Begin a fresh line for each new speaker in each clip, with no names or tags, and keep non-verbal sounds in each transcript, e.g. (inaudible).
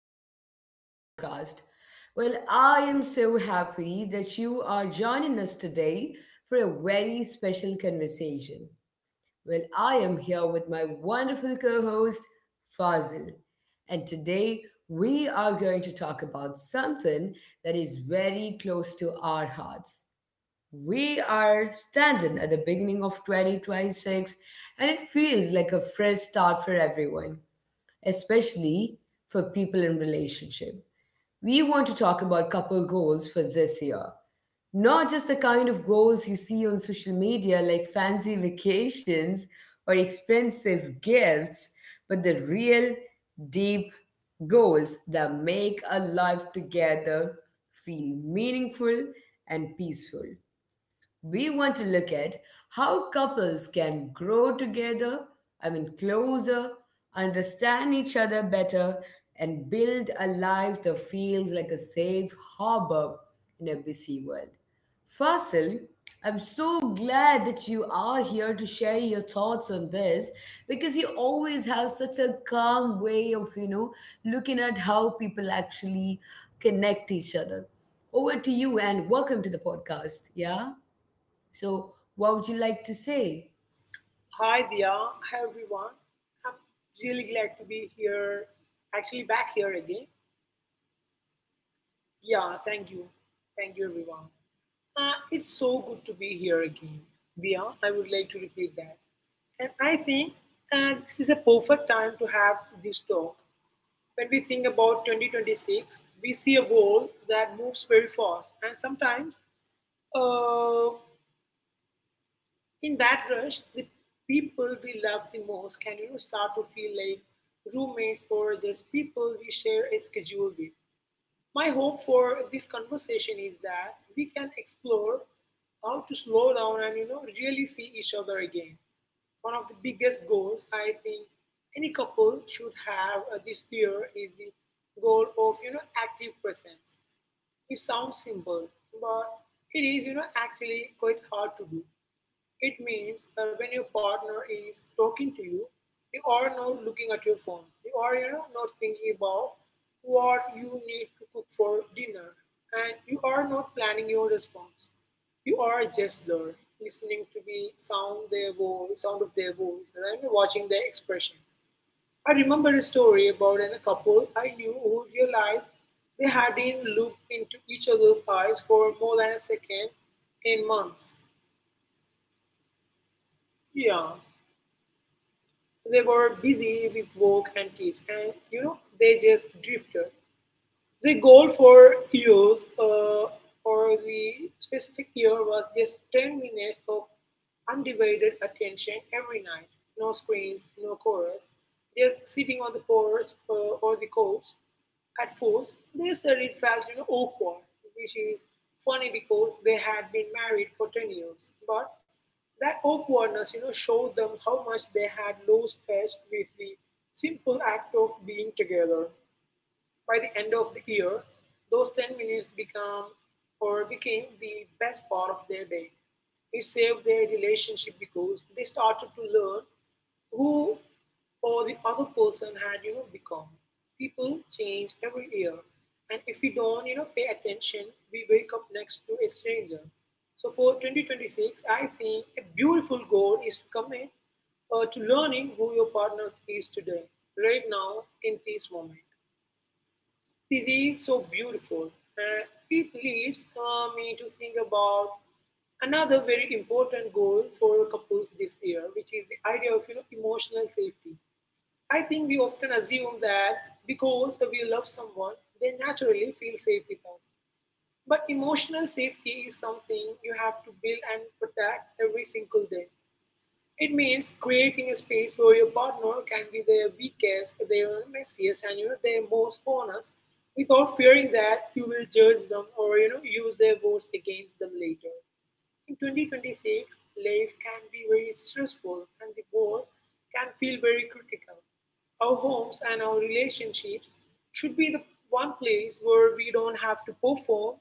welcome to our podcast. Well, I am so happy that you are joining us today for a very special conversation. Well, I am here with my wonderful co host, Fazil, and today we are going to talk about something that is very close to our hearts. We are standing at the beginning of 2026, and it feels like a fresh start for everyone especially for people in relationship. We want to talk about couple goals for this year. Not just the kind of goals you see on social media like fancy vacations or expensive gifts, but the real deep goals that make a life together feel meaningful and peaceful. We want to look at how couples can grow together, I mean, closer, understand each other better, and build a life that feels like a safe harbor in a busy world. Fasil, I'm so glad that you are here to share your thoughts on this because you always have such a calm way of, you know, looking at how people actually connect each other. Over to you and welcome to the podcast. Yeah. So, what would you like to say?
Hi, Dia. Hi, everyone. I'm really glad to be here, actually back here again. Yeah, thank you. Thank you, everyone. It's so good to be here again. Dia, I would like to repeat that. And I think this is a perfect time to have this talk. When we think about 2026, we see a world that moves very fast and sometimes uh, in that rush, the people we love the most can, start to feel like roommates or just people we share a schedule with. My hope for this conversation is that we can explore how to slow down and really see each other again. One of the biggest goals I think any couple should have this year is the goal of active presence. It sounds simple, but it is actually quite hard to do. It means when your partner is talking to you, you are not looking at your phone. You are, not thinking about what you need to cook for dinner. And you are not planning your response. You are just there, listening to the sound, their voice, sound of their voice, and then watching their expression. I remember a story about a couple I knew who realized they hadn't looked into each other's eyes for more than a second in months. Yeah, they were busy with work and kids, and they just drifted. The goal for years, or the specific year, was just 10 minutes of undivided attention every night. No screens, no chorus, just sitting on the porch or the couch. At first, they said it felt, awkward, which is funny because they had been married for 10 years. But that awkwardness, you know, showed them how much they had lost touch with the simple act of being together. By the end of the year, those 10 minutes become or became the best part of their day. It saved their relationship because they started to learn who or the other person had, you know, become. People change every year. And if we don't, you know, pay attention, we wake up next to a stranger. So for 2026, I think a beautiful goal is to commit to learning who your partner is today, right now, in this moment. This is so beautiful. And it leads me to think about another very important goal for couples this year, which is the idea of emotional safety. I think we often assume that because we love someone, they naturally feel safe with us. But emotional safety is something you have to build and protect every single day. It means creating a space where your partner can be their weakest, their messiest, and their most honest, without fearing that you will judge them or use their words against them later. In 2026, life can be very stressful, and the world can feel very critical. Our homes and our relationships should be the one place where we don't have to perform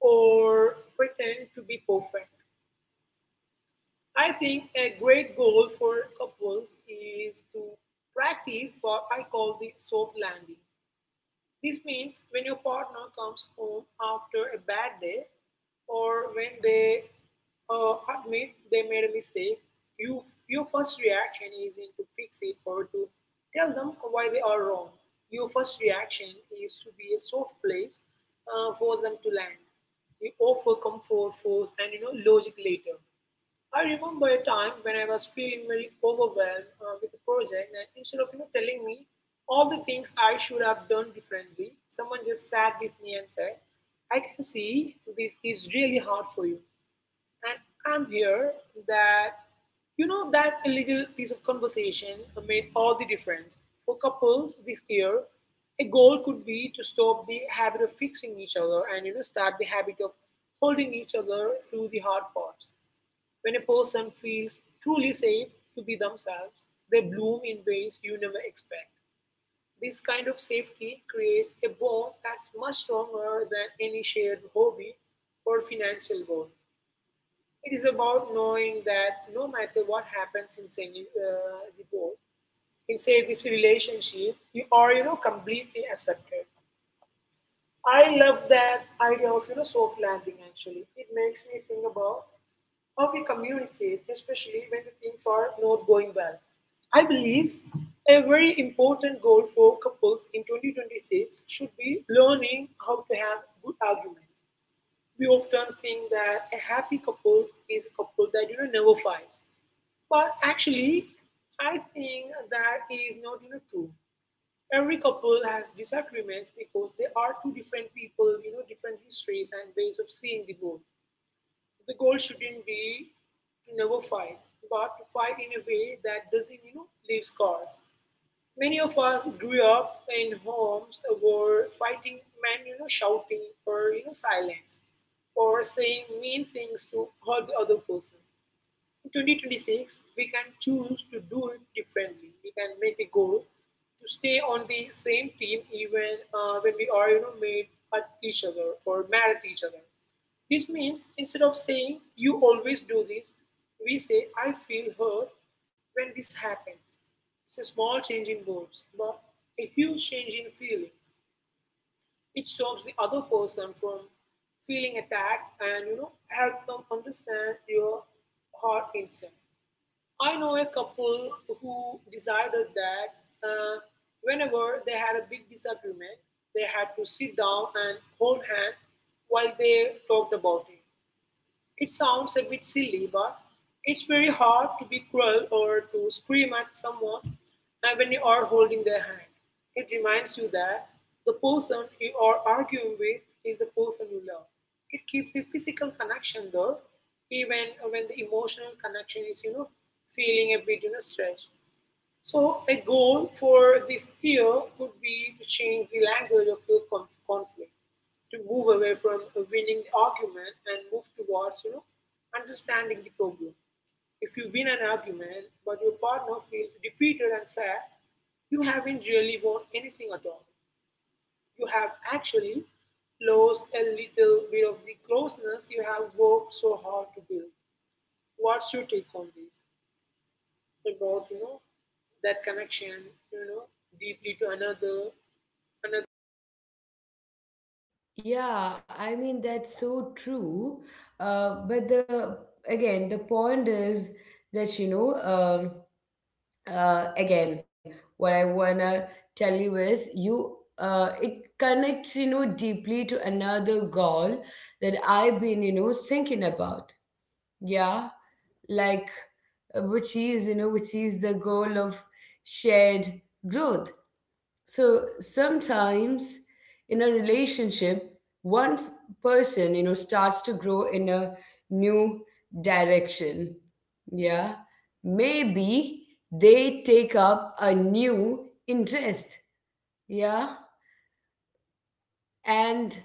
or pretend to be perfect. I think a great goal for couples is to practice what I call the soft landing. This means when your partner comes home after a bad day or when they admit they made a mistake, you, your first reaction isn't to fix it or to tell them why they are wrong. Your first reaction is to be a soft place for them to land. You offer comfort first and logic later. I remember a time when I was feeling very overwhelmed with the project, and instead of telling me all the things I should have done differently, someone just sat with me and said, "I can see this is really hard for you, and I'm here." That you know that a little piece of conversation made all the difference for couples this year. A goal could be to stop the habit of fixing each other and start the habit of holding each other through the hard parts. When a person feels truly safe to be themselves, they bloom in ways you never expect. This kind of safety creates a bond that's much stronger than any shared hobby or financial bond. It is about knowing that no matter what happens in the world, in say this relationship, you are completely accepted. I love that idea of soft landing. Actually, it makes me think about how we communicate, especially when the things are not going well. I believe a very important goal for couples in 2026 should be learning how to have good arguments. We often think that a happy couple is a couple that never fights, but actually, I think that is not, true. Every couple has disagreements because they are two different people, you know, different histories and ways of seeing the world. The goal shouldn't be to never fight, but to fight in a way that doesn't, you know, leave scars. Many of us grew up in homes where fighting meant, you know, shouting or, you know, silence or saying mean things to hurt the other person. 2026, we can choose to do it differently. We can make a goal to stay on the same team even when we are, you know, made at each other or mad at each other. This means instead of saying you always do this, we say I feel hurt when this happens. It's a small change in words, but a huge change in feelings. It stops the other person from feeling attacked and help them understand your heart instinct. I know a couple who decided that uh, whenever they had a big disagreement, they had to sit down and hold hands while they talked about it. It sounds a bit silly, but it's very hard to be cruel or to scream at someone when you are holding their hand. It reminds you that the person you are arguing with is a person you love. It keeps the physical connection though, even when the emotional connection is, you know, feeling a bit, you know, stressed. So a goal for this year could be to change the language of your conflict, to move away from winning the argument and move towards, you know, understanding the problem. If you win an argument but your partner feels defeated and sad, you haven't really won anything at all. You have actually lost a little bit of the closeness you have worked so hard to build. What's your take on this? About, you know, that connection, you know, deeply to another, another
Yeah, I mean that's so true. But the again, the point is that you know, again, what I wanna tell you is you it connects you know deeply to another goal that I've been you know thinking about. Yeah, like which is you know which is the goal of shared growth. So sometimes in a relationship one f- person you know starts to grow in a new direction. Yeah. Maybe they take up a new interest, yeah, and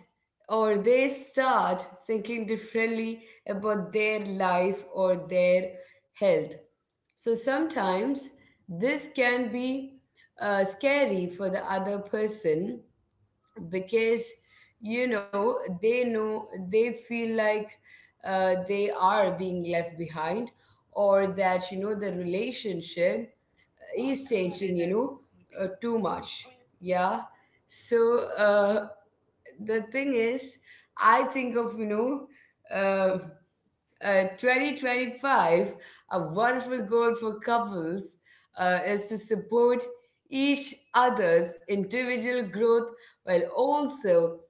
or they start thinking differently about their life or their health. So sometimes this can be scary for the other person because you know they feel like they are being left behind or that you know the relationship is changing, you know, too much. Yeah. So the thing is, I think of, you know, uh, 2025, a wonderful goal for couples is to support each other's individual growth while also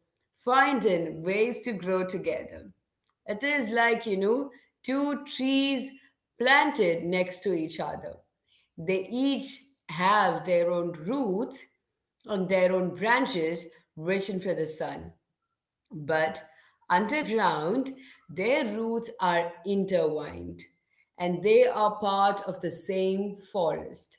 finding ways to grow together. It is like, you know, two trees planted next to each other. They each have their own roots and their own branches reaching for the sun. But underground, their roots are intertwined and they are part of the same forest.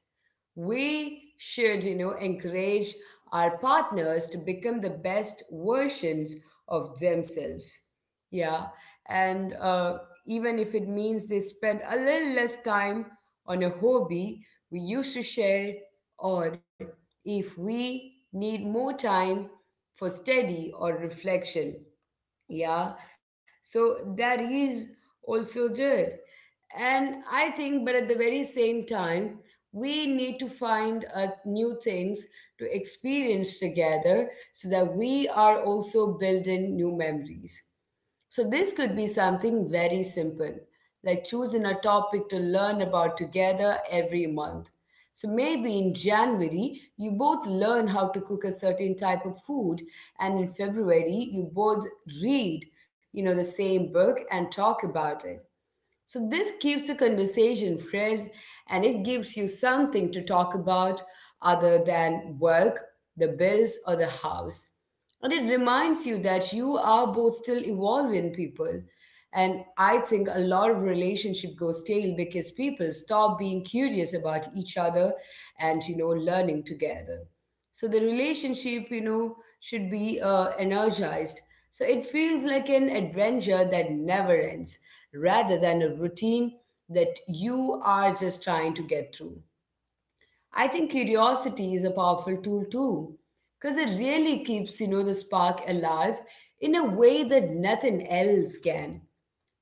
We should you know encourage our partners to become the best versions of themselves, yeah, and even if it means they spend a little less time on a hobby we used to share, or if we need more time for study or reflection. Yeah. So that is also good. And I think but at the very same time we need to find new things to experience together so that we are also building new memories. So, this could be something very simple, like choosing a topic to learn about together every month. So, maybe in January, you both learn how to cook a certain type of food, and in February, you both read, you know, the same book and talk about it. So this keeps the conversation fresh and it gives you something to talk about other than work, the bills, or the house. And it reminds you that you are both still evolving people. And I think a lot of relationship goes stale because people stop being curious about each other and you know learning together. So the relationship you know should be energized so it feels like an adventure that never ends rather than a routine that you are just trying to get through. I think curiosity is a powerful tool too because it really keeps you know the spark alive in a way that nothing else can.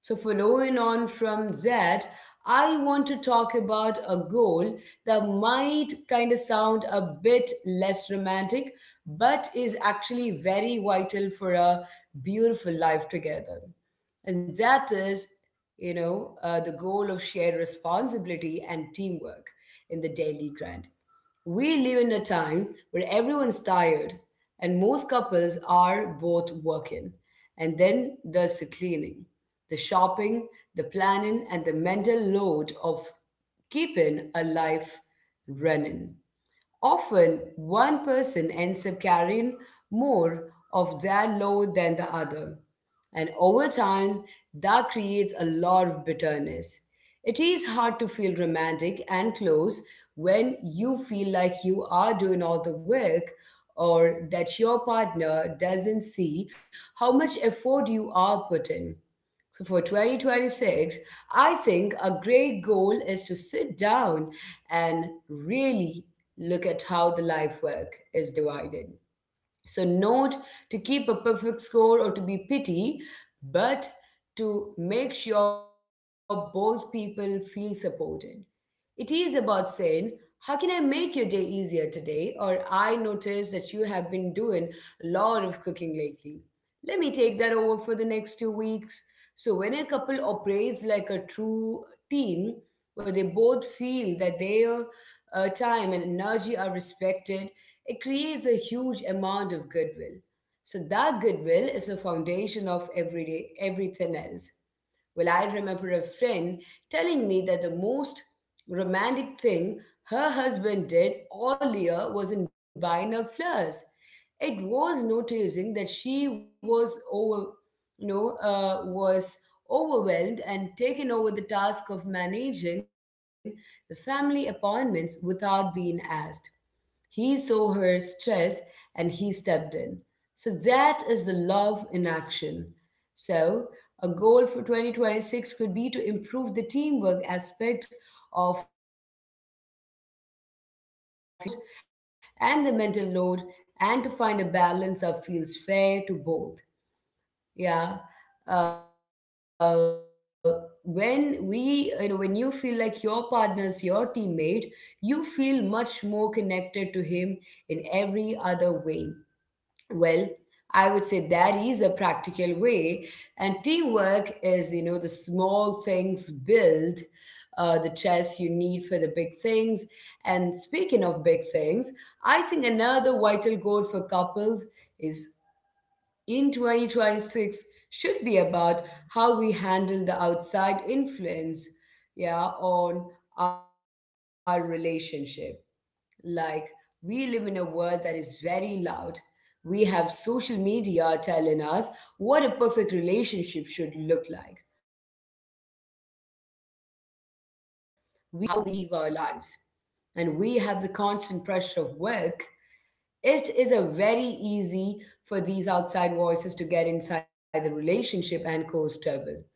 So, following on from that, I want to talk about a goal that might kind of sound a bit less romantic, but is actually very vital for a beautiful life together. And that is, you know, the goal of shared responsibility and teamwork in the daily grind. We live in a time where everyone's tired, and most couples are both working. And then there's the cleaning, the shopping, the planning, and the mental load of keeping a life running. Often, one person ends up carrying more of their load than the other. And over time, that creates a lot of bitterness. It is hard to feel romantic and close when you feel like you are doing all the work or that your partner doesn't see how much effort you are putting. So for 2026, I think a great goal is to sit down and really look at how the life work is divided. So not to keep a perfect score or to be pity, but to make sure both people feel supported. It is about saying, how can I make your day easier today? Or I noticed that you have been doing a lot of cooking lately. Let me take that over for the next 2 weeks. So, when a couple operates like a true team, where they both feel that their time and energy are respected, it creates a huge amount of goodwill. So, that goodwill is the foundation of everyday, everything else. Well, I remember a friend telling me that the most romantic thing her husband did all year wasn't buying her flowers. It was noticing that she was overwhelmed and taken over the task of managing the family appointments without being asked. He saw her stress and he stepped in. So that is the love in action. So, a goal for 2026 could be to improve the teamwork aspect of, you know, the relationship. To talk openly about, you know, the chores and the mental load and to find a balance that feels fair to both. Yeah. When we, you know, when you feel like your partner's your teammate, you feel much more connected to him in every other way. Well, I would say that is a practical way. And teamwork is, you know, the small things build the chess you need for the big things. And speaking of big things, I think another vital goal for couples is in 2026 should be about how we handle the outside influence, yeah, on our relationship. Like, we live in a world that is very loud. We have social media telling us what a perfect relationship should look like. We have family members who might have opinions on how we live our lives. And we have the constant pressure of work. It is a very easy for these outside voices to get inside the relationship and cause trouble.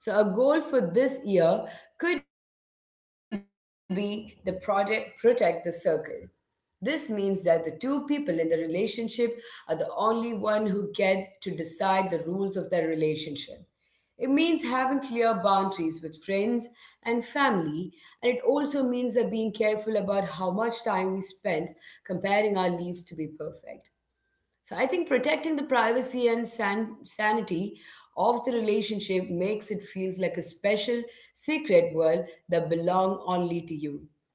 So a goal for this year could be the project protect the circle. This means that the two people in the relationship are the only one who get to decide the rules of their relationship. It means having clear boundaries with friends and family, and it also means that being careful about how much time we spend comparing our lives to be perfect. So I think protecting the privacy and sanity of the relationship makes it feels like a special secret world that belong only to you.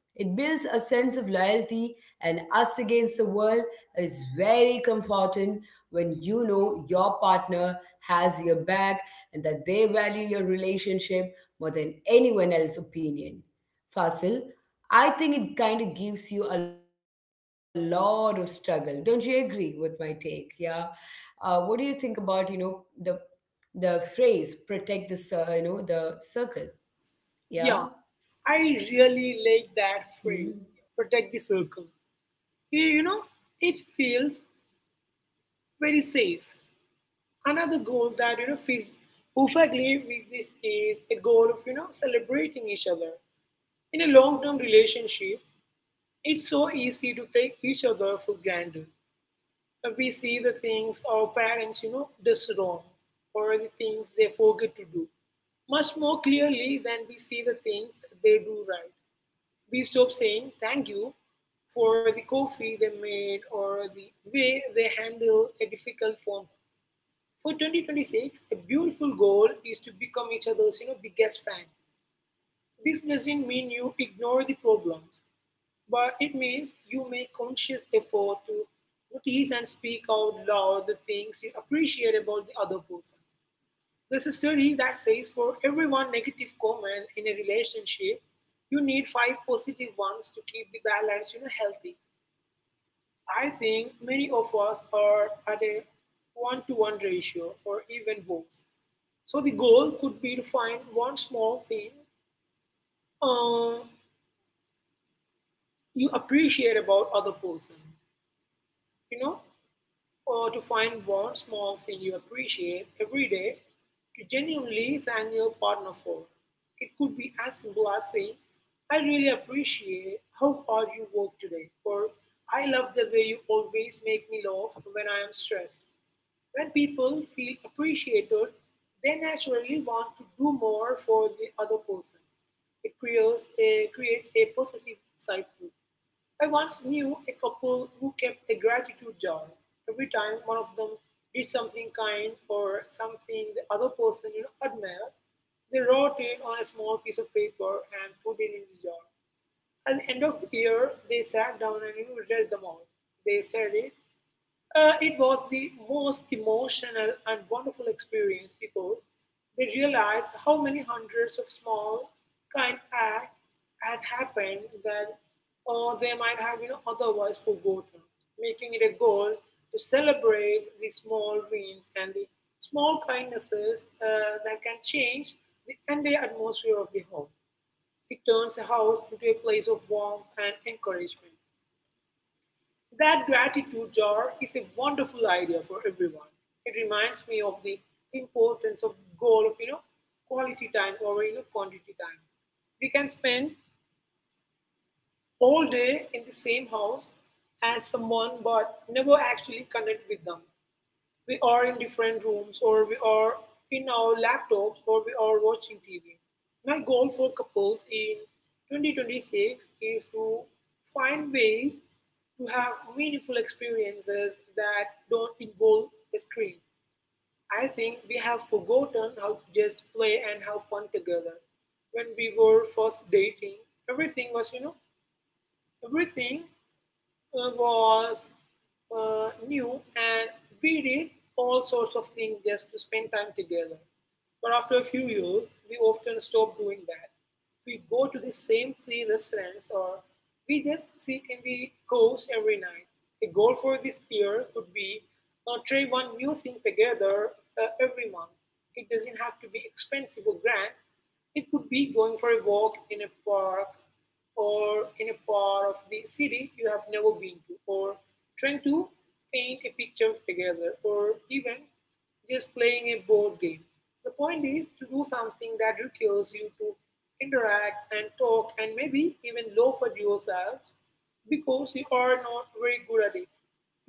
It builds a sense of loyalty and us against the world that is very comforting when you know your partner has your back and that they value your relationship more than anyone else's opinion. Fasil, I think it kind of gives you a lot of struggle. Don't you agree with my take? Yeah. What do you think about you know the phrase "protect the you know the circle"?
yeah,
Yeah.
I really like that phrase,
Mm.
protect the circle. You know, it feels very safe. Another goal that fits perfectly with this is a goal of celebrating each other. In a long term relationship, it's so easy to take each other for granted. We see the things our parents, you know, does wrong or the things they forget to do much more clearly than we see the things they do right. We stop saying thank you for the coffee they made or the way they handle a difficult phone. For 2026, a beautiful goal is to become each other's, you know, biggest fan. This doesn't mean you ignore the problems, but it means you make conscious effort to notice and speak out loud the things you appreciate about the other person. There's a study that says for every one negative comment in a relationship, you need five positive ones to keep the balance, healthy. I think many of us are at a one to one ratio or even worse. So the goal could be to find one small thing um, you appreciate about other person you know or to find one small thing you appreciate every day to genuinely thank your partner for. It could be as simple as saying, I really appreciate how hard you work today, or I love the way you always make me laugh when I am stressed. When people feel appreciated, they naturally want to do more for the other person. It creates a, creates a positive cycle. I once knew a couple who kept a gratitude jar. Every time one of them did something kind or something the other person, you know, admired, they wrote it on a small piece of paper and put it in the jar. At the end of the year, they sat down and, you know, read them all. They said it was the most emotional and wonderful experience because they realized how many hundreds of small, kind acts had happened that they might have otherwise forgotten, making it a goal to celebrate the small wins and the small kindnesses that can change the entire atmosphere of the home. It turns a house into a place of warmth and encouragement. That gratitude jar is a wonderful idea for everyone. It reminds me of the importance of goal of quality time over quantity time. We can spend all day in the same house as someone but never actually connect with them. We are in different rooms, or we are in our laptops, or we are watching TV. My goal for couples in 2026 is to find ways to have meaningful experiences that don't involve a screen. I think we have forgotten how to just play and have fun together. When we were first dating, everything was, you know, everything was new and we did all sorts of things just to spend time together. But after a few years, we often stop doing that. We go to the same 3 restaurants or we just sit in the coast every night. A goal for this year could be try one new thing together every month. It doesn't have to be expensive or grand. It could be going for a walk in a park or in a part of the city you have never been to, or trying to paint a picture together, or even just playing a board game. The point is to do something that requires you to interact and talk and maybe even laugh at yourselves because you are not very good at it.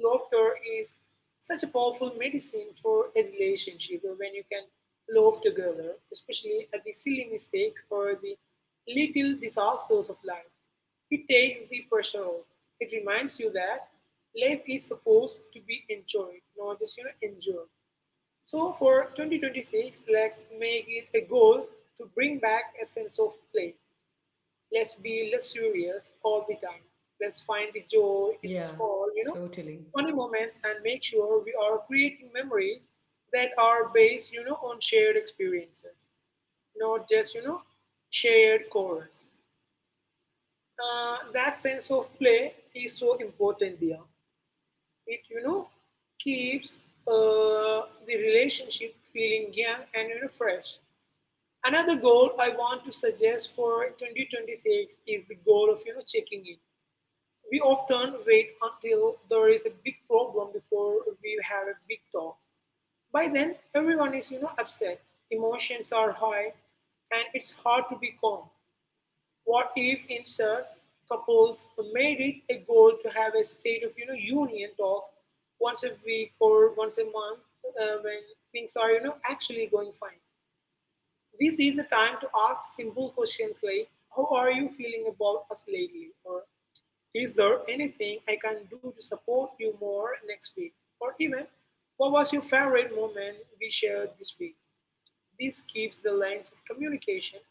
Laughter is such a powerful medicine for a relationship when you can laugh together, especially at the silly mistakes or the little disasters of life. It takes the pressure off. It reminds you that life is supposed to be enjoyed, not just endured. So for 2026, let's make it a goal to bring back a sense of play. Let's be luxurious all the time. Let's find the joy in the
Yeah.
small
Totally.
funny moments and make sure we are creating memories that are based on shared experiences, not just shared chorus. That sense of play is so important there. It keeps the relationship feeling young and fresh. Another goal I want to suggest for 2026 is the goal of checking in. We often wait until there is a big problem before we have a big talk. By then, everyone is upset. Emotions are high and it's hard to be calm. What if instead couples made it a goal to have a state of, union talk once a week or once a month when things are actually going fine? This is a time to ask simple questions like, how are you feeling about us lately? Or is there anything I can do to support you more next week? Or even, what was your favorite moment we shared this week? This keeps the lines of communication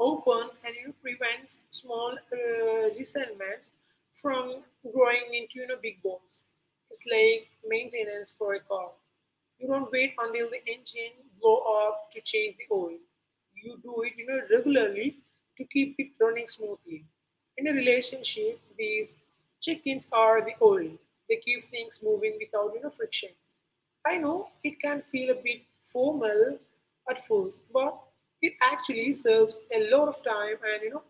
open and prevents small resentments from growing into big bombs. It's like maintenance for a car. You don't wait until the engine blow up to change the oil. You do it regularly to keep it running smoothly. In a relationship, these check-ins are the oil. They keep things moving without friction. I know it can feel a bit formal at first, but it actually serves a lot of time and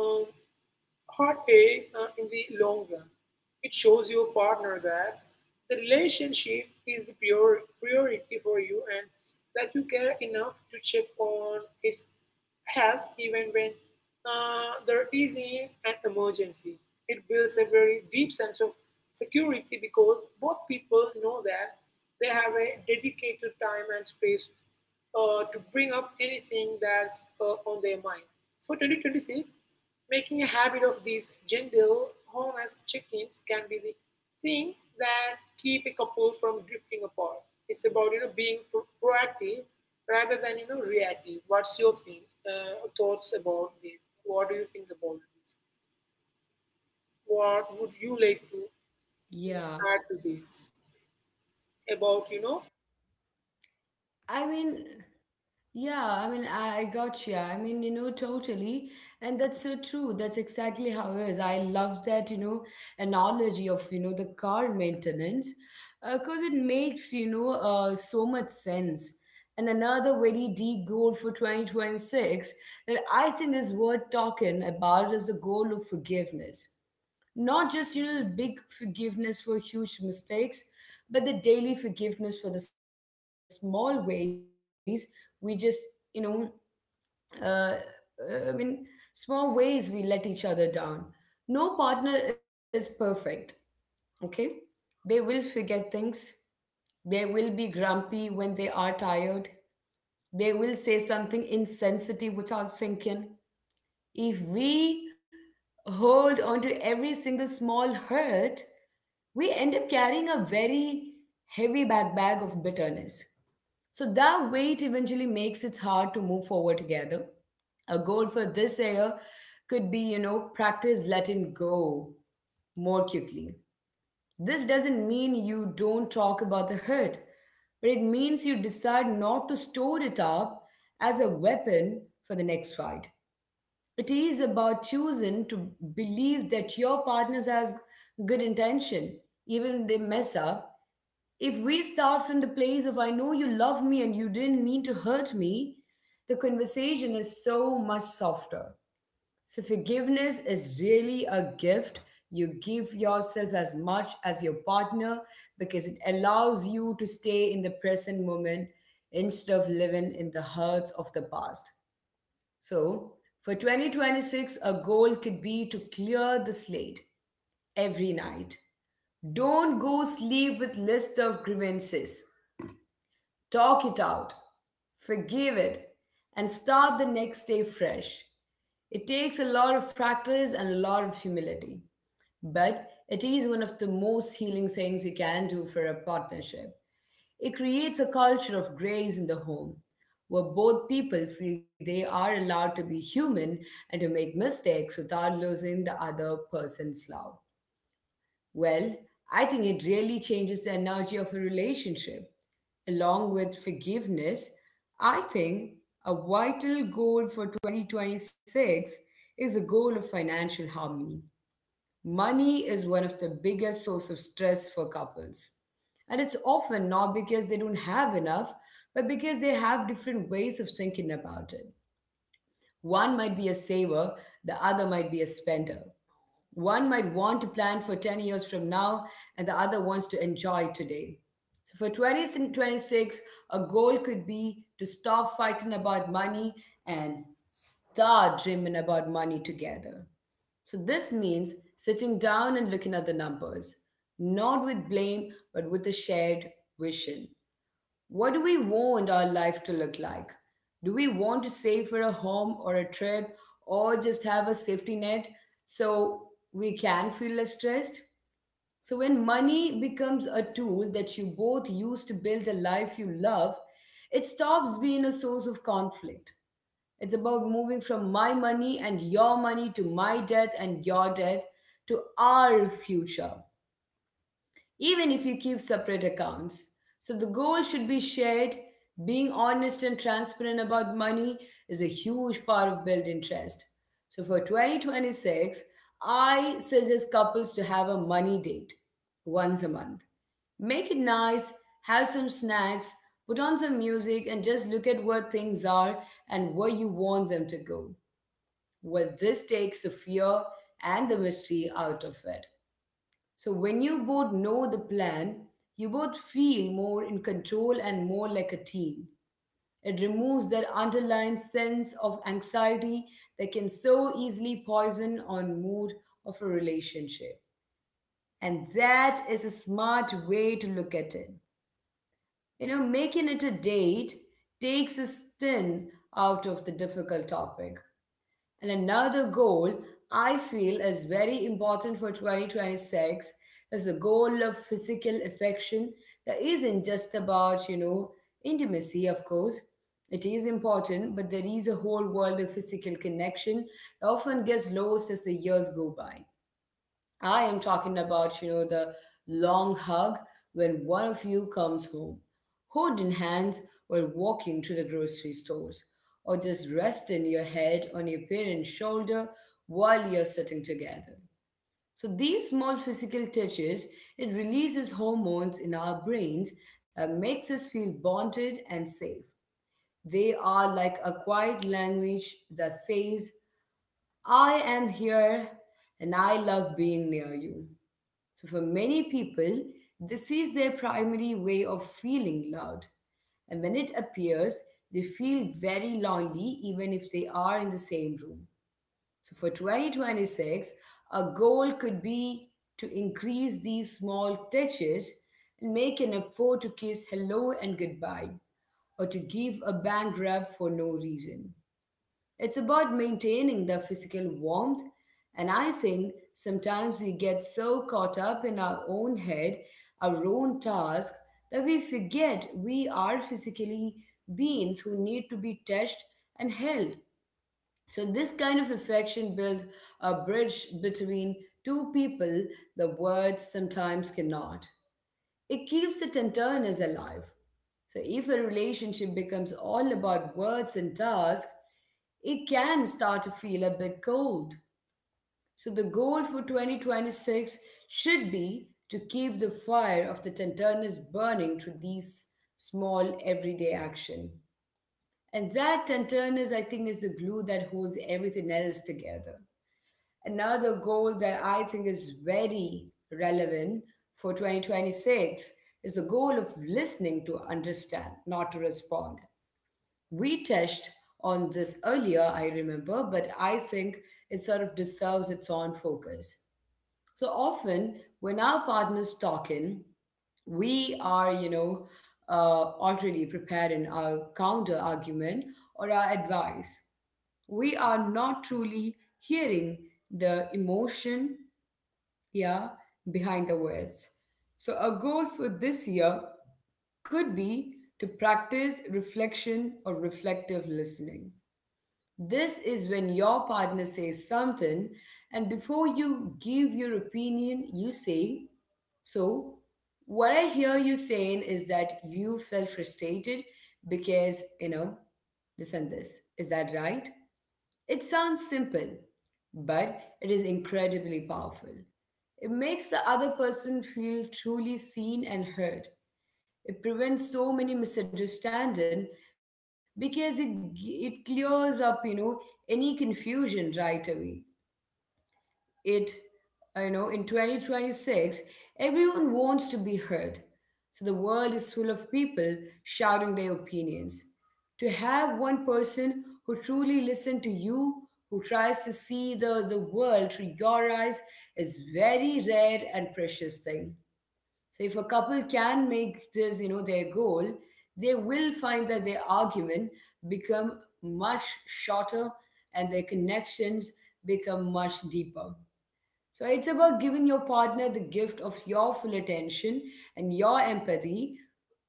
um, heartache in the long run. It shows your partner that the relationship is the priority for you and that you care enough to check on its help even when there is an emergency. It builds a very deep sense of security because both people know that they have a dedicated time and space to bring up anything that's on their mind. For 2026, making a habit of these gentle, honest check ins can be the thing that keep a couple from drifting apart. It's about being proactive rather than reactive. What's your thoughts about this? What do you think about this? What would you like to
Yeah.
add to this? About
I mean. Yeah, I mean, I got you. I mean, you know, totally. And that's so true. That's exactly how it is. I love that, you know, analogy of, you know, the car maintenance because it makes, you know, so much sense. And another very deep goal for 2026 that I think is worth talking about is the goal of forgiveness, not just you know the big forgiveness for huge mistakes but the daily forgiveness for the small ways we just you know uh, I mean, small ways we let each other down. No partner is perfect, okay? They will forget things. They will be grumpy when they are tired. They will say something insensitive without thinking. If we hold on to every single small hurt, we end up carrying a very heavy back bag of bitterness. So that weight eventually makes it hard to move forward together. A goal for this year could be, you know, practice letting go more quickly. This doesn't mean you don't talk about the hurt, but it means you decide not to store it up as a weapon for the next fight. It is about choosing to believe that your partner has good intention, even if they mess up. If we start from the place of, I know you love me and you didn't mean to hurt me, the conversation is so much softer. So, forgiveness is really a gift you give yourself as much as your partner because it allows you to stay in the present moment instead of living in the hurts of the past. So, for 2026, a goal could be to clear the slate every night. Don't go sleep with list of grievances. Talk it out, forgive it, and start the next day fresh. It takes a lot of practice and a lot of humility. But it is one of the most healing things you can do for a partnership. It creates a culture of grace in the home, where both people feel they are allowed to be human and to make mistakes without losing the other person's love. Well, I think it really changes the energy of a relationship. Along with forgiveness, I think a vital goal for 2026 is a goal of financial harmony. Money is one of the biggest source of stress for couples. And it's often not because they don't have enough, but because they have different ways of thinking about it. One might be a saver, the other might be a spender. One might want to plan for 10 years from now, and the other wants to enjoy today. So for 2026, a goal could be to stop fighting about money and start dreaming about money together. So this means sitting down and looking at the numbers, not with blame, but with a shared vision. What do we want our life to look like? Do we want to save for a home or a trip or just have a safety net so we can feel less stressed? So, when money becomes a tool that you both use to build a life you love, it stops being a source of conflict. It's about moving from my money and your money to my death and your death to our future, even if you keep separate accounts. So the goal should be shared. Being honest and transparent about money is a huge part of building trust. So for 2026, I suggest couples to have a money date once a month. Make it nice, have some snacks, put on some music, and just look at where things are and where you want them to go. Well, this takes the fear and the mystery out of it. So when you both know the plan, you both feel more in control and more like a team. It removes that underlying sense of anxiety that can so easily poison on mood of a relationship. And that is a smart way to look at it. You know, making it a date takes a sting out of the difficult topic. And another goal I feel is very important for 2026 is the goal of physical affection that isn't just about, intimacy, of course. It is important, but there is a whole world of physical connection that often gets lost as the years go by. I am talking about, the long hug when one of you comes home, hood in hand, while walking to the grocery stores, or just resting your head on your parent's shoulder while you're sitting together. So these small physical touches, it releases hormones in our brains that makes us feel bonded and safe. They are like a quiet language that says, I am here and I love being near you. So, for many people, this is their primary way of feeling loved. And when it appears, they feel very lonely even if they are in the same room. So, for 2026, a goal could be to increase these small touches and make an effort to kiss hello and goodbye or to give a bank rub for no reason. It's about maintaining the physical warmth, and I think sometimes we get so caught up in our own head, our own task, that we forget we are physically beings who need to be touched and held. So, this kind of affection builds a bridge between two people the words sometimes cannot. It keeps the tenderness alive. So, if a relationship becomes all about words and tasks, it can start to feel a bit cold. So, the goal for 2026 should be to keep the fire of the tenderness burning through these small everyday action. And that tenderness, I think, is the glue that holds everything else together. Another goal that I think is very relevant for 2026 is the goal of listening to understand, not to respond. We touched on this earlier, I remember, but I think it sort of deserves its own focus. So often, when our partner's talk in, we are, already prepared in our counter argument or our advice. We are not truly hearing the emotion, yeah, behind the words. So, a goal for this year could be to practice reflection or reflective listening. This is when your partner says something, and before you give your opinion, you say, so, what I hear you saying is that you felt frustrated because, this and this. Is that right? It sounds simple, but it is incredibly powerful. It makes the other person feel truly seen and heard. It prevents so many misunderstanding because it clears up, any confusion right away. It, in 2026, everyone wants to be heard. So the world is full of people shouting their opinions. To have one person who truly listens to you, who tries to see the world through your eyes, is very rare and precious thing. So if a couple can make this, their goal, they will find that their argument become much shorter and their connections become much deeper. So it's about giving your partner the gift of your full attention and your empathy.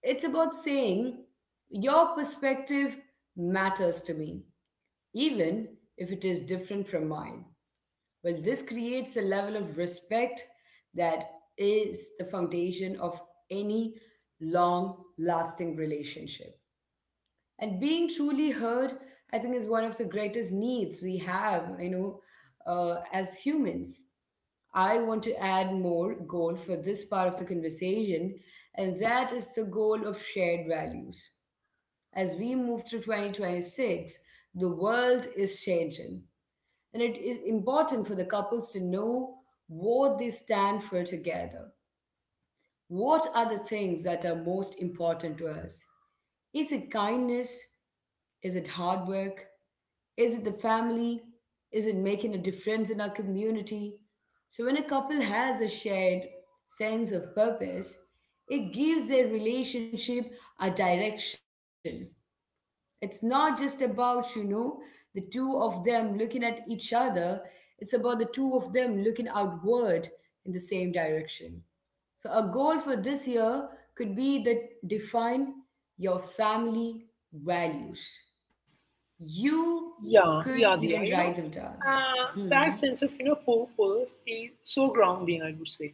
It's about saying your perspective matters to me, even if it is different from mine. Well, this creates a level of respect that is the foundation of any long lasting relationship. And being truly heard, I think, is one of the greatest needs we have, as humans. I want to add more goal for this part of the conversation, and that is the goal of shared values. As we move through 2026, the world is changing. And it is important for the couples to know what they stand for together. What are the things that are most important to us? Is it kindness? Is it hard work? Is it the family? Is it making a difference in our community? So, when a couple has a shared sense of purpose, it gives their relationship a direction. It's not just about, the two of them looking at each other, it's about the two of them looking outward in the same direction. So, a goal for this year could be that define your family values. You
yeah,
could
yeah, yeah.
even
You know,
write them down.
that
Hmm.
sense of purpose is so grounding, I would say.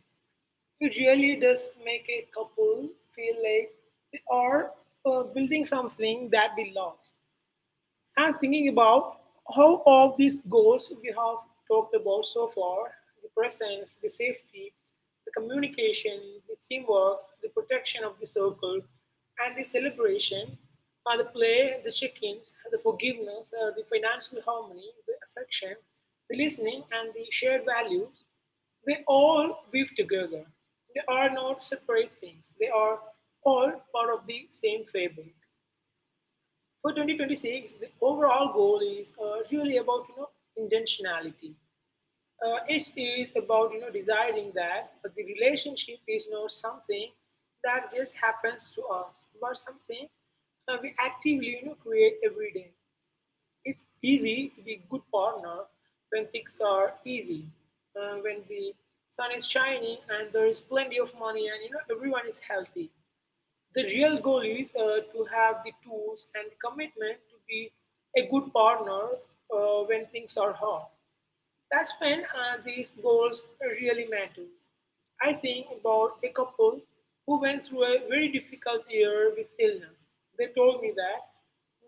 It really does make a couple feel like they are building something that they lost. And thinking about how all these goals we have talked about so far, the presence, the safety, the communication, the teamwork, the protection of the circle, and the celebration, the play, the check ins, the forgiveness, the financial harmony, the affection, the listening, and the shared values, they all weave together. They are not separate things, they are all part of the same fabric. For 2026, the overall goal is really about intentionality. It is about deciding that the relationship is not something that just happens to us, but something we actively create every day. It's easy to be good partner when things are easy, when the sun is shining and there is plenty of money and everyone is healthy. The real goal is to have the tools and the commitment to be a good partner when things are hard. That's when these goals really matters. I think about a couple who went through a very difficult year with illness. They told me that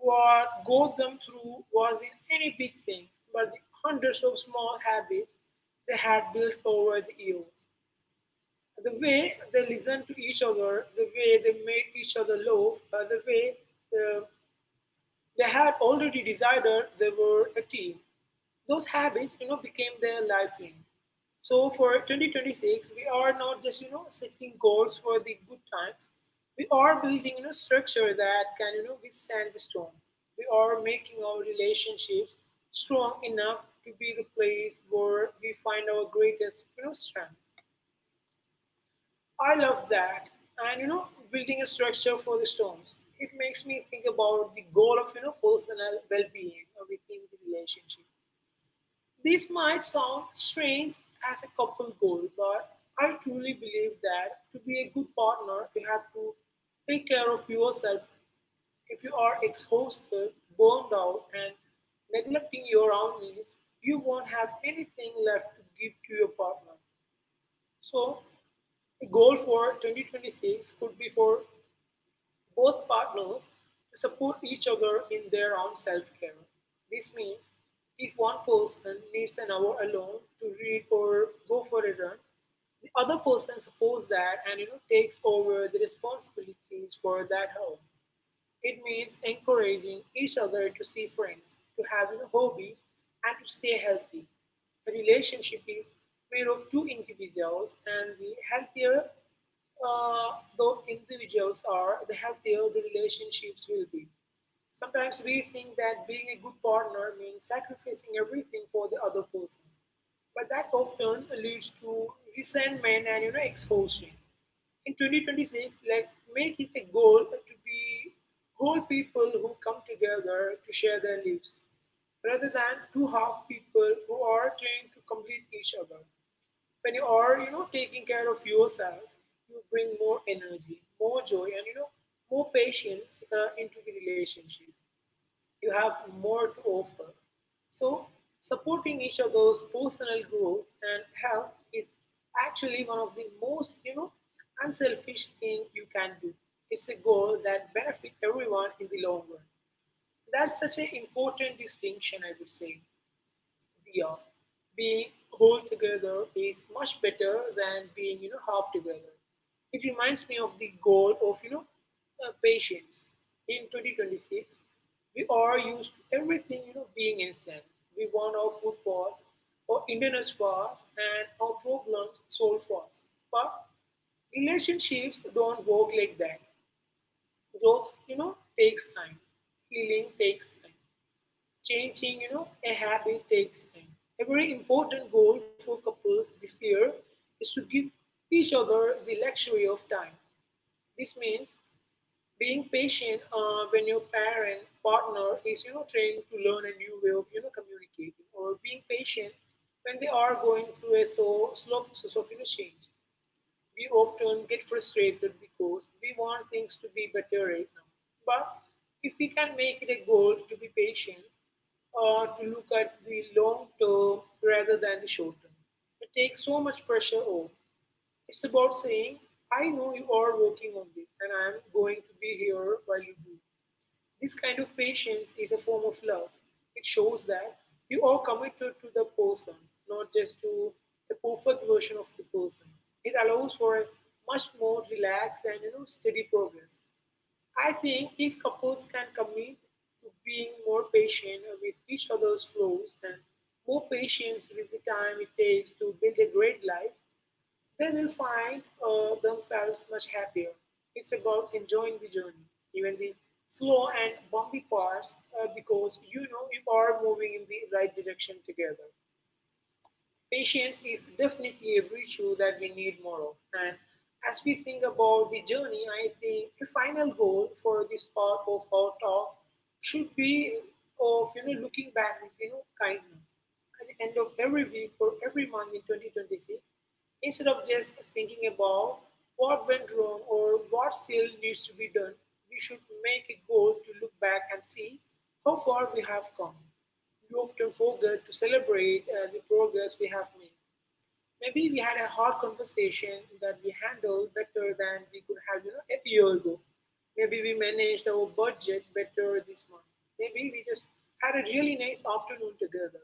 what got them through wasn't any big thing, but the hundreds of small habits they had built over the years. The way they listened to each other, the way they made each other laugh, the way uh, they had already decided they were a team. Those habits, became their lifeline. So for 2026, we are not just setting goals for the good times. We are building structure that can withstand the storm. We are making our relationships strong enough to be the place where we find our greatest strength. I love that. And building a structure for the storms. It makes me think about the goal of personal well-being within the relationship. This might sound strange as a couple goal, but I truly believe that to be a good partner, you have to take care of yourself. If you are exhausted, burned out, and neglecting your own needs, you won't have anything left to give to your partner. So a goal for 2026 could be for both partners to support each other in their own self care. This means if one person needs an hour alone to read or go for a run, the other person supports that and takes over the responsibilities for that hour. It means encouraging each other to see friends, to have hobbies, and to stay healthy. A relationship is made of 2 individuals, and the healthier uh, those individuals are, the healthier the relationships will be. Sometimes we think that being a good partner means sacrificing everything for the other person. But that often leads to resentment and exhaustion. In 2026, let's make it a goal to be whole people who come together to share their lives, rather than 2 half people who are trying to complete each other. When you are, taking care of yourself, you bring more energy, more joy, and more patience into the relationship you have more to offer. So, supporting each other's personal growth and health is actually one of the most unselfish thing you can do. It's a goal that benefits everyone in the long run. That's such an important distinction, I would say. Diya, being whole together is much better than being half together. It reminds me of the goal of patience. In 2026, we are used to everything being instant. We want our food fast, our internet fast, and our problems solved fast. But relationships don't work like that. Growth takes time. Healing takes time. Changing a habit takes time. A very important goal for couples this year is to give each other the luxury of time. This means being patient when your parent partner is, trying to learn a new way of, communicating, or being patient when they are going through a so slow process of, change. We often get frustrated because we want things to be better right now. But if we can make it a goal to be patient, to look at the long term rather than the short term, it takes so much pressure off. It's about saying, I know you are working on this and I'm going to be here while you do. This kind of patience is a form of love. It shows that you are committed to the person, not just to a perfect version of the person. It allows for a much more relaxed and, you know, steady progress. I think if couples can commit to being more patient with each other's flaws and more patience with the time it takes to build a great life, they will find themselves much happier. It's about enjoying the journey, even the slow and bumpy parts, because you know you are moving in the right direction together. Patience is definitely a virtue that we need more of. And as we think about the journey, I think the final goal for this part of our talk should be of, you know, looking back with, you know, kindness at the end of every week or every month in 2026, instead of just thinking about what went wrong or what still needs to be done. We should make a goal to look back and see how far we have come. We often forget to celebrate the progress we have made. Maybe we had a hard conversation that we handled better than we could have, you know, a year ago. Maybe we managed our budget better this month. Maybe we just had a really nice afternoon together.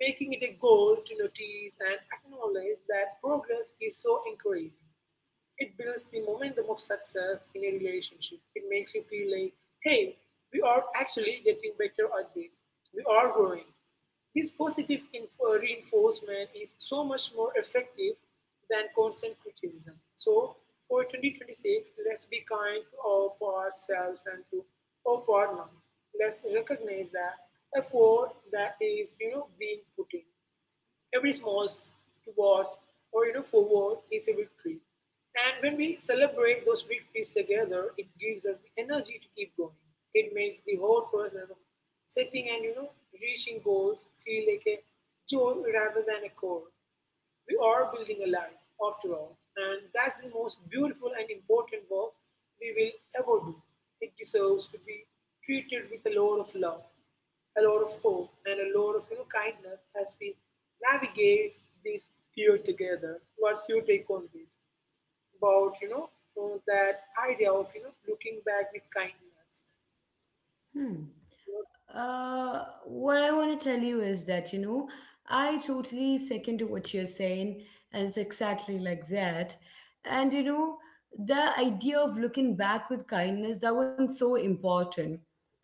Making it a goal to notice and acknowledge that progress is so encouraging. It builds the momentum of success in a relationship. It makes you feel like, hey, we are actually getting better at this. We are growing. This positive reinforcement is so much more effective than constant criticism. So, for 2026, let's be kind to ourselves and to our partners. Let's recognize that effort that is, you know, being put in. Every small towards or, you know, forward is a victory. And when we celebrate those victories together, it gives us the energy to keep going. It makes the whole process of setting and, you know, reaching goals feel like a joy rather than a chore. We are building a life, after all, and that's the most beautiful and important work we will ever do. It deserves to be treated with a lot of love, a lot of hope, and a lot of, you know, kindness as we navigate this year together. What's your take on this? About, you know, that idea of, you know, looking back with kindness.
Hmm.
You know,
What I want to tell you is that, I totally second to what you're saying, and it's exactly like that. And, the idea of looking back with kindness, that one's so important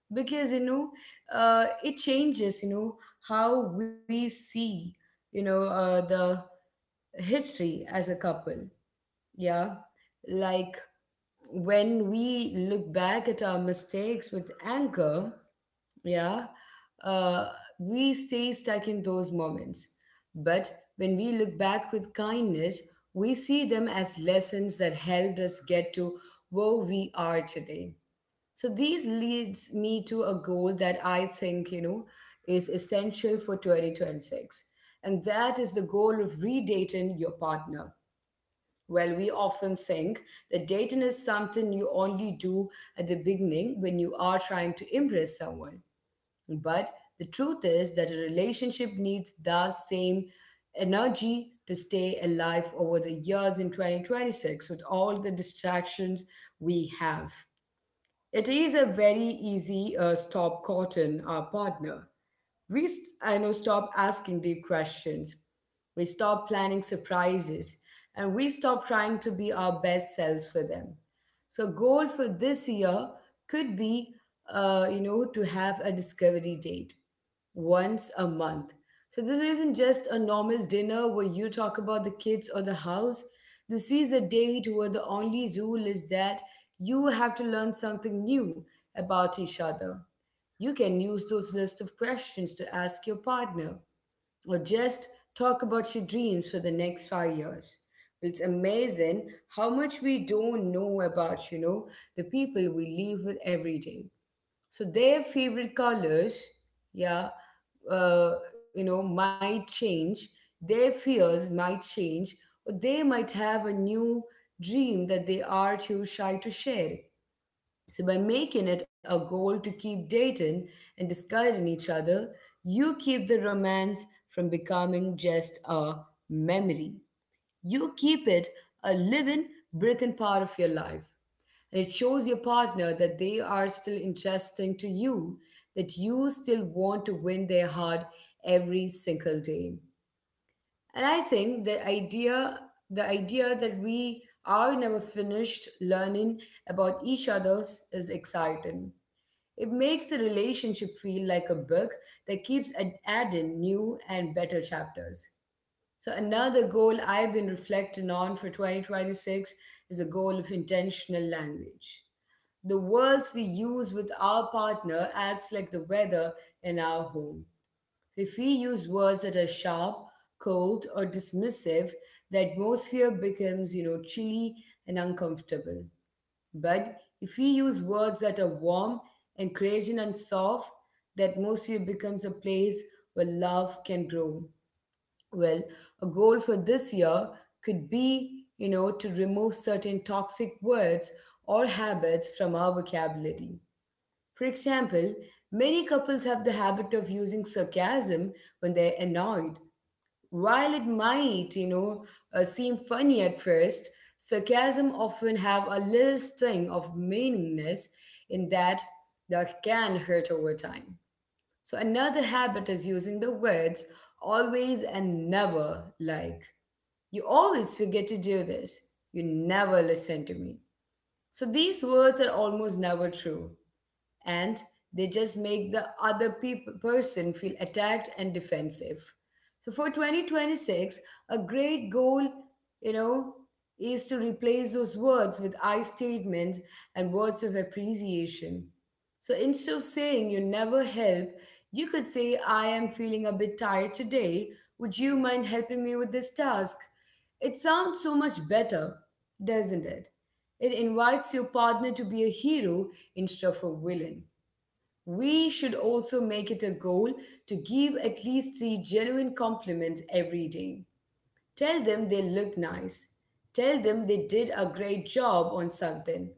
because, it changes, how we see, the history as a couple. Yeah. Like when we look back at our mistakes with anger, yeah, uh, we stay stuck in those moments. But when we look back with kindness, we see them as lessons that helped us get to where we are today. So these leads me to a goal that I think, is essential for 2026. And that is the goal of redating your partner. Well, we often think that dating is something you only do at the beginning when you are trying to impress someone. But the truth is that a relationship needs the same energy to stay alive over the years in 2026 with all the distractions we have. It is a very easy stop cotton our partner. I know, stop asking deep questions. We stop planning surprises, and we stop trying to be our best selves for them. So, goal for this year could be, to have a discovery date once a month. So this isn't just a normal dinner where you talk about the kids or the house. This is a date where the only rule is that you have to learn something new about each other. You can use those list of questions to ask your partner or just talk about your dreams for the next 5 years. It's amazing how much we don't know about, the people we live with every day, so their favorite colors, yeah, might change, their fears might change, or they might have a new dream that they are too shy to share. So by making it a goal to keep dating and discarding each other, you keep the romance from becoming just a memory. You keep it a living, breathing part of your life, and it shows your partner that they are still interesting to you, that you still want to win their heart every single day. And I think the idea that we are never finished learning about each other's is exciting. It makes the relationship feel like a book that keeps adding new and better chapters. So, another goal I've been reflecting on for 2026 is a goal of intentional language. The words we use with our partner acts like the weather in our home. If we use words that are sharp, cold, or dismissive, the atmosphere becomes, chilly and uncomfortable. But if we use words that are warm, encouraging, and soft, the atmosphere becomes a place where love can grow. Well, a goal for this year could be, to remove certain toxic words or habits from our vocabulary. For example, many couples have the habit of using sarcasm when they're annoyed. While it might, seem funny at first, sarcasm often have a little sting of meaningness in that that can hurt over time. So another habit is using the words always and never, like, you always forget to do this. You never listen to me. So these words are almost never true, and they just make the other peop person feel attacked and defensive. So for 2026, a great goal, you know, is to replace those words with I statements and words of appreciation. So instead of saying you never help, you could say, I am feeling a bit tired today. Would you mind helping me with this task? It sounds so much better, doesn't it? It invites your partner to be a hero instead of a villain. We should also make it a goal to give at least three genuine compliments every day. Tell them they look nice. Tell them they did a great job on something.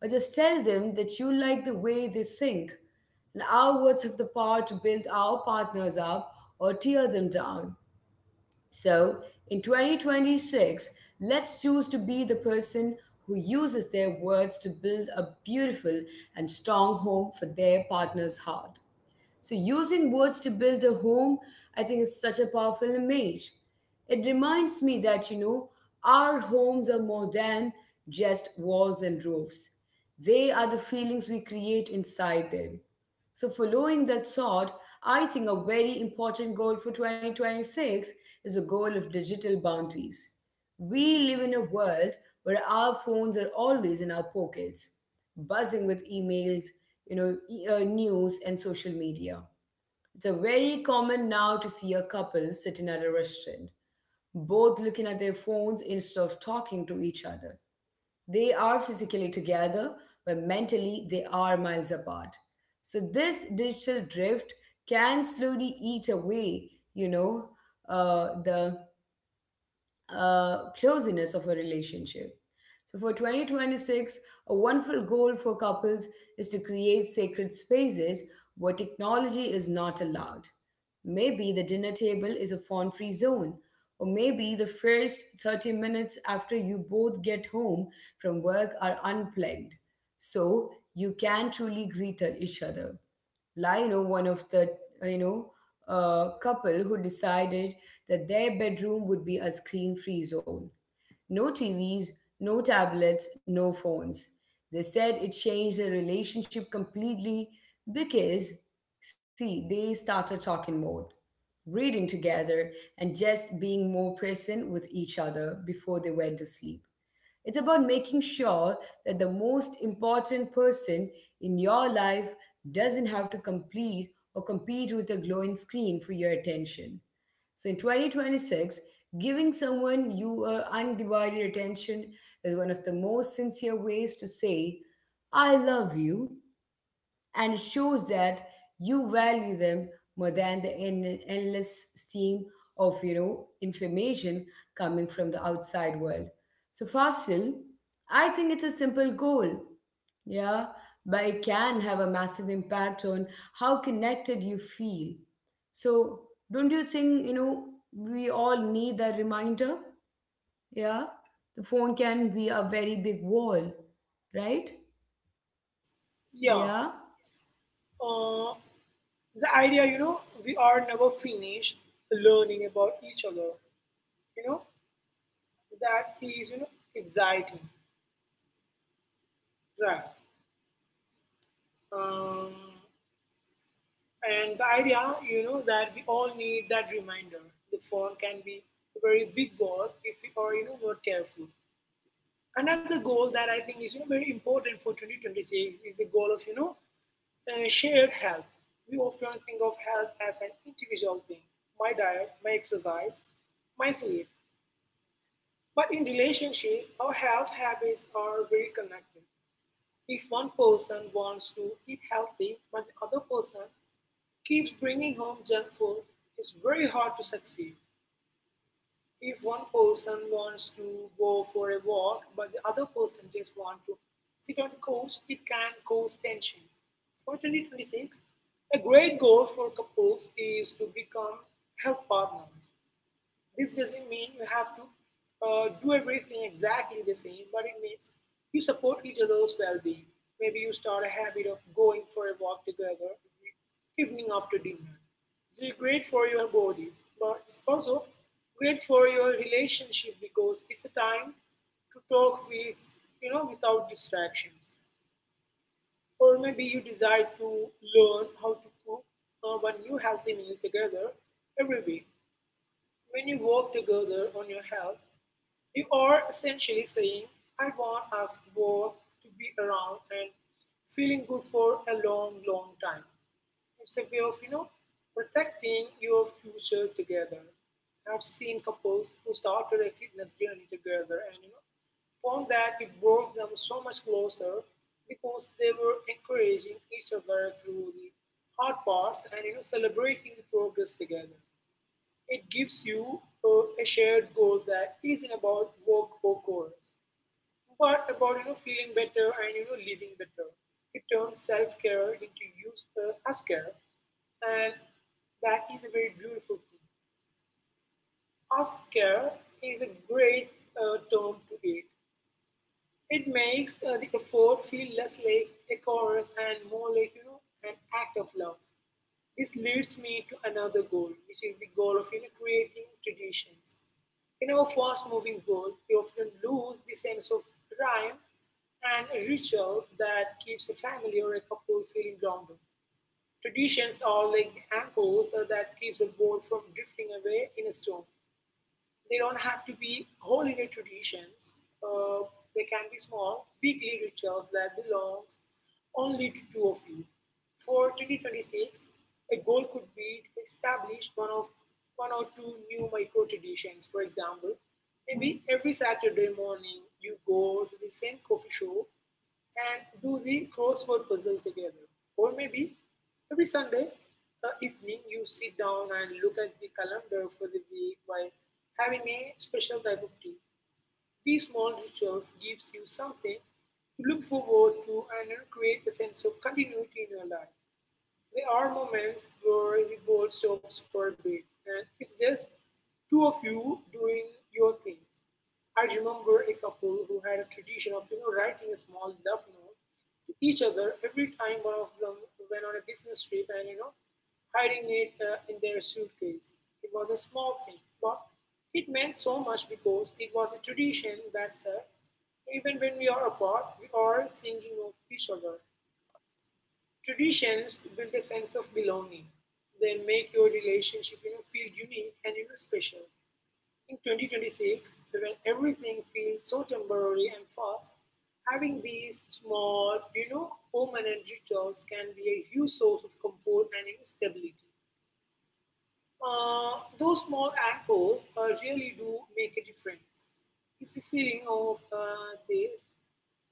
Or just tell them that you like the way they think. And our words have the power to build our partners up or tear them down. So, in 2026, let's choose to be the person who uses their words to build a beautiful and strong home for their partner's heart. So, using words to build a home, I think, is such a powerful image. It reminds me that, our homes are more than just walls and roofs. They are the feelings we create inside them. So, following that thought, I think a very important goal for 2026 is the goal of digital boundaries. We live in a world where our phones are always in our pockets, buzzing with emails, news and social media. It's a very common now to see a couple sitting at a restaurant, both looking at their phones instead of talking to each other. They are physically together, but mentally they are miles apart. So this digital drift can slowly eat away, the closeness of a relationship. So for 2026, a wonderful goal for couples is to create sacred spaces where technology is not allowed. Maybe the dinner table is a phone free zone, or maybe the first 30 minutes after you both get home from work are unplugged. So you can truly greet each other, like, you know, one of the uh, you know couple who decided that their bedroom would be a screen free zone. No tvs, no tablets, no phones. They said it changed their relationship completely because, see, they started talking more, reading together, and just being more present with each other before they went to sleep. It's about making sure that the most important person in your life doesn't have to complete or compete with a glowing screen for your attention. So in 2026, giving someone your undivided attention is one of the most sincere ways to say, I love you, and it shows that you value them more than the endless stream of, you know, information coming from the outside world. So, fossil, I think it's a simple goal, yeah, but it can have a massive impact on how connected you feel. So don't you think, you know, we all need that reminder? Yeah, the phone can be a very big wall, right?
yeah.
Yeah.
Uh, the idea, you know, we are never finished learning about each other. You know, that is, you know, exciting, right? Um, and the idea, you know, that we all need that reminder, the phone can be a very big word if we are, you know, not careful. Another goal that I think is, you know, very important for 2026 is the goal of, you know, shared health. We often think of health as an individual thing: my diet, my exercise, my sleep. But in relationship, our health habits are very connected. If one person wants to eat healthy but the other person keeps bringing home junk food, it's very hard to succeed. If one person wants to go for a walk but the other person just wants to sit on the couch, it can cause tension. For 2026, a great goal for couples is to become health partners. This doesn't mean you have to do everything exactly the same, but it means you support each other's well being. Maybe you start a habit of going for a walk together evening after dinner. It's great for your bodies, but it's also great for your relationship because it's a time to talk with, you know, without distractions. Or maybe you decide to learn how to cook one new healthy meal together every week. When you work together on your health, you are essentially saying, I want us both to be around and feeling good for a long, long time. It's a way of, you know, protecting your future together. I've seen couples who started a fitness journey together and, you know, found that it brought them so much closer because they were encouraging each other through the hard parts and, you know, celebrating the progress together. It gives you a a shared goal that isn't about work or goals, but about, you know, feeling better and, you know, living better. It turns self-care into use as care, and that is a very beautiful thing. As care is a great term to it. It makes the effort feel less like a chorus and more like, you know, an act of love. This leads me to another goal, which is the goal of, you know, creating traditions. In our fast moving world, we often lose the sense of rhyme and a ritual that keeps a family or a couple feeling grounded. Traditions are like the anchors that keeps a boat from drifting away in a storm. They don't have to be whole Indian traditions. They can be small, weekly rituals that belongs only to two of you. For 2026, a goal could be to establish one or two new micro traditions. For example, maybe every Saturday morning you go to the same coffee shop and do the crossword puzzle together. Or maybe every Sunday evening you sit down and look at the calendar for the week while having a special type of tea. These small rituals gives you something to look forward to and, you know, create a sense of continuity in your life. There are moments where the ball stops for a bit and it's just two of you doing your things. I remember a couple who had a tradition of, you know, writing a small love note to each other every time one of them went on a business trip and, you know, hiding it in their suitcase. It was a small thing, but it meant so much because it was a tradition that said, even when we are apart, we are thinking of each other. Traditions build a sense of belonging. They make your relationship, you know, feel unique and, you know, special. In 2026, when everything feels so temporary and fast, having these small, you know, permanent rituals can be a huge source of comfort and, you know, stability. Those small anchors really do make a difference. It's the feeling of this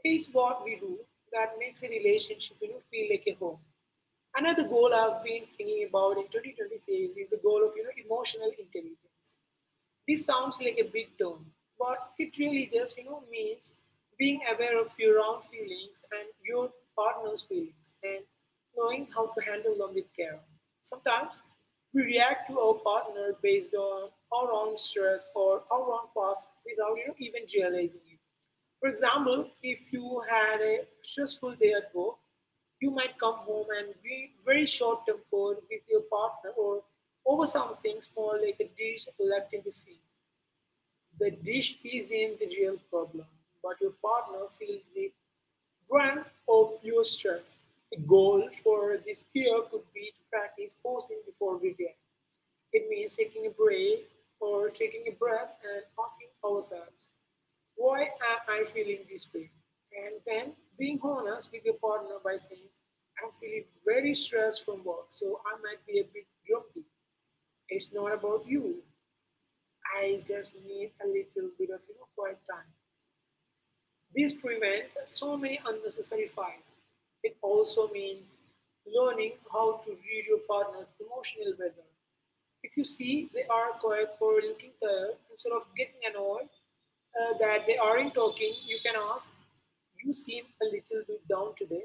is what we do that makes a relationship, you know, feel like a home. Another goal I've been thinking about in 2026 is the goal of, you know, emotional intelligence. This sounds like a big term, but it really just, you know, means being aware of your own feelings and your partner's feelings and knowing how to handle them with care. Sometimes we react to our partner based on our own stress or our own past without, you know, even realizing it. For example, if you had a stressful day at work, you might come home and be very short tempered with your partner or over something small like a dish left in the sink. The dish isn't the real problem, but your partner feels the brunt of your stress. A goal for this year could be to practice posing before we it means taking a break or taking a breath and asking ourselves, why am I feeling this way? And then being honest with your partner by saying, I'm feeling very stressed from work, so I might be a bit grumpy. It's not about you. I just need a little bit of, you know, quiet time. This prevents so many unnecessary fights. It also means learning how to read your partner's emotional weather. If you see they are quiet for looking tired, instead of getting annoyed that they aren't talking, you can ask, you seem a little bit down today.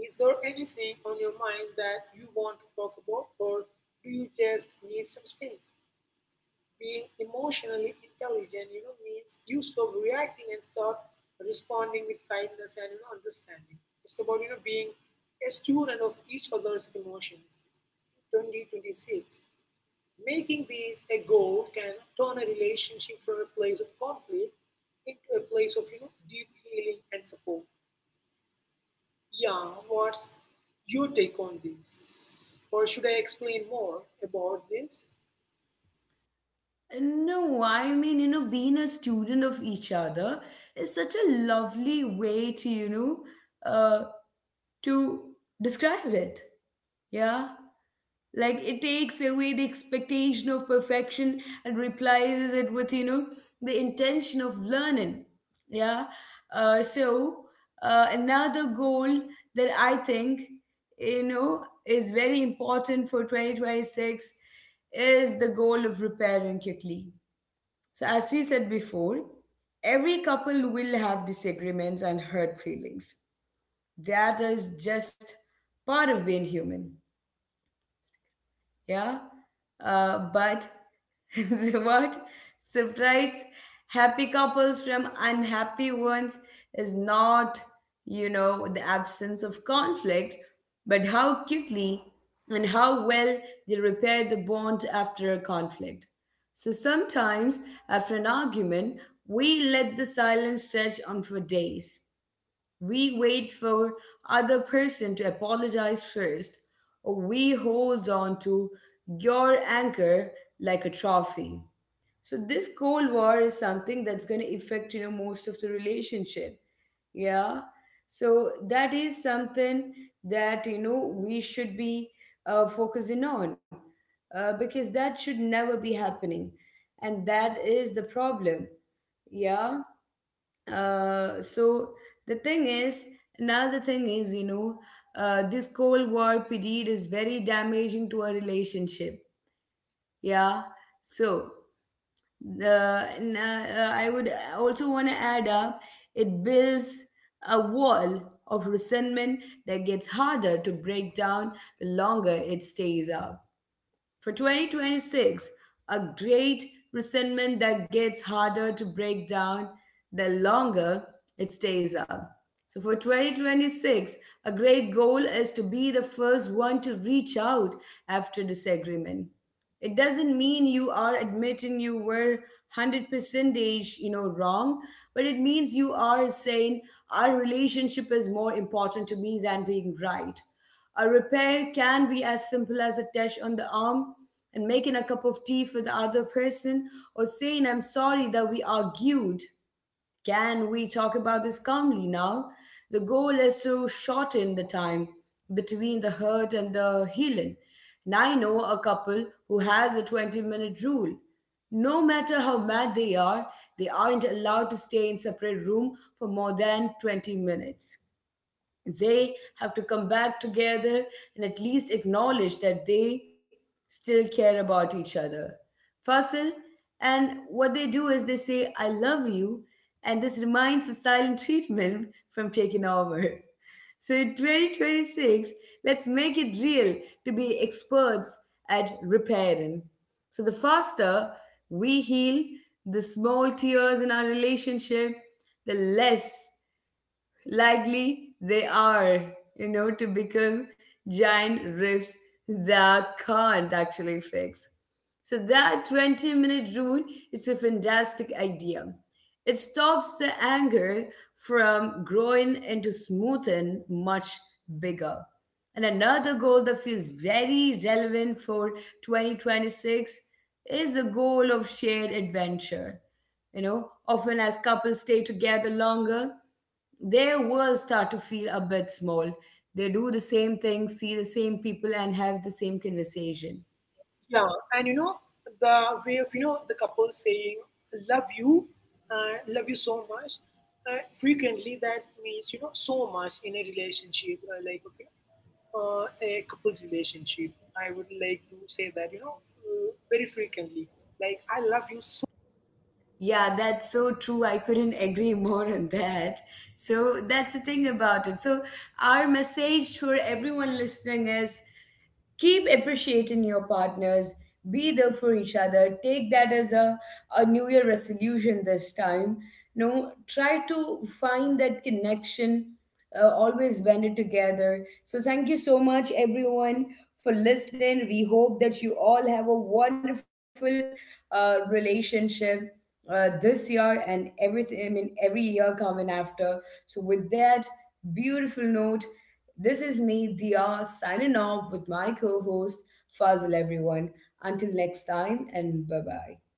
Is there anything on your mind that you want to talk about, or do you just need some space? Being emotionally intelligent, you know, means you stop reacting and start responding with kindness and, you know, understanding. It's about, you know, being a student of each other's emotions. 2026. Making these a goal can turn a relationship from a place of conflict into a place of, you know, deep healing and support. Yeah, what's your take on this? Or should I explain more about this?
No, I mean, you know, being a student of each other is such a lovely way to, to describe it. Yeah. Like it takes away the expectation of perfection and replaces it with, you know, the intention of learning. Yeah. Uh, so, Another goal that I think, you know, is very important for 2026 is the goal of repairing quickly. So, as we said before, every couple will have disagreements and hurt feelings. That is just part of being human, yeah, but (laughs) what separates happy couples from unhappy ones is not, you know, the absence of conflict, but how quickly and how well they repair the bond after a conflict. So sometimes after an argument, we let the silence stretch on for days. We wait for other person to apologize first, or we hold on to your anchor like a trophy. So this cold war is something that's going to affect, you know, most of the relationship. Yeah. So that is something that, you know, we should be focusing on, because that should never be happening, and that is the problem. Yeah. So the thing is, another thing is, you know, this cold war period is very damaging to a relationship, yeah. So I would also want to add up, it builds a wall of resentment that gets harder to break down the longer it stays up. For 2026, a great resentment that gets harder to break down the longer it stays up. So for 2026, a great goal is to be the first one to reach out after disagreement. It doesn't mean you are admitting you were 100% wrong, but it means you are saying our relationship is more important to me than being right. A repair can be as simple as a touch on the arm and making a cup of tea for the other person, or saying I'm sorry that we argued. Can we talk about this calmly now? The goal is to shorten the time between the hurt and the healing. And I know a couple who has a 20-minute rule. No matter how mad they are, they aren't allowed to stay in separate room for more than 20 minutes. They have to come back together and at least acknowledge that they still care about each other. Fasil, and what they do is they say, I love you, and this reminds the silent treatment (laughs) from taking over. So in 2026, let's make it real to be experts at repairing. So the faster we heal the small tears in our relationship, the less likely they are, you know, to become giant rifts that can't actually fix. So that 20-minute rule is a fantastic idea. It stops the anger from growing into something much bigger. And another goal that feels very relevant for 2026 is the goal of shared adventure. You know, often as couples stay together longer, they will start to feel a bit small. They do the same thing, see the same people, and have the same conversation.
Yeah, and you know, the way of, you know, the couple saying love you, love you so much, frequently, that means, you know, so much in a relationship, like okay, a couple relationship, I would like to say that, you know, very frequently, like, I love you so
Yeah, that's so true. I couldn't (laughs) agree more on that. So that's the thing about it. So, our message for everyone listening is keep appreciating your partners, be there for each other, take that as a new year resolution this time. No, try to find that connection, always bend it together. So thank you so much everyone for listening. We hope that you all have a wonderful relationship this year and every I mean every year coming after. So with that beautiful note, this is me, Dia, signing off with my co-host Fazil. Everyone, until next time, and bye bye.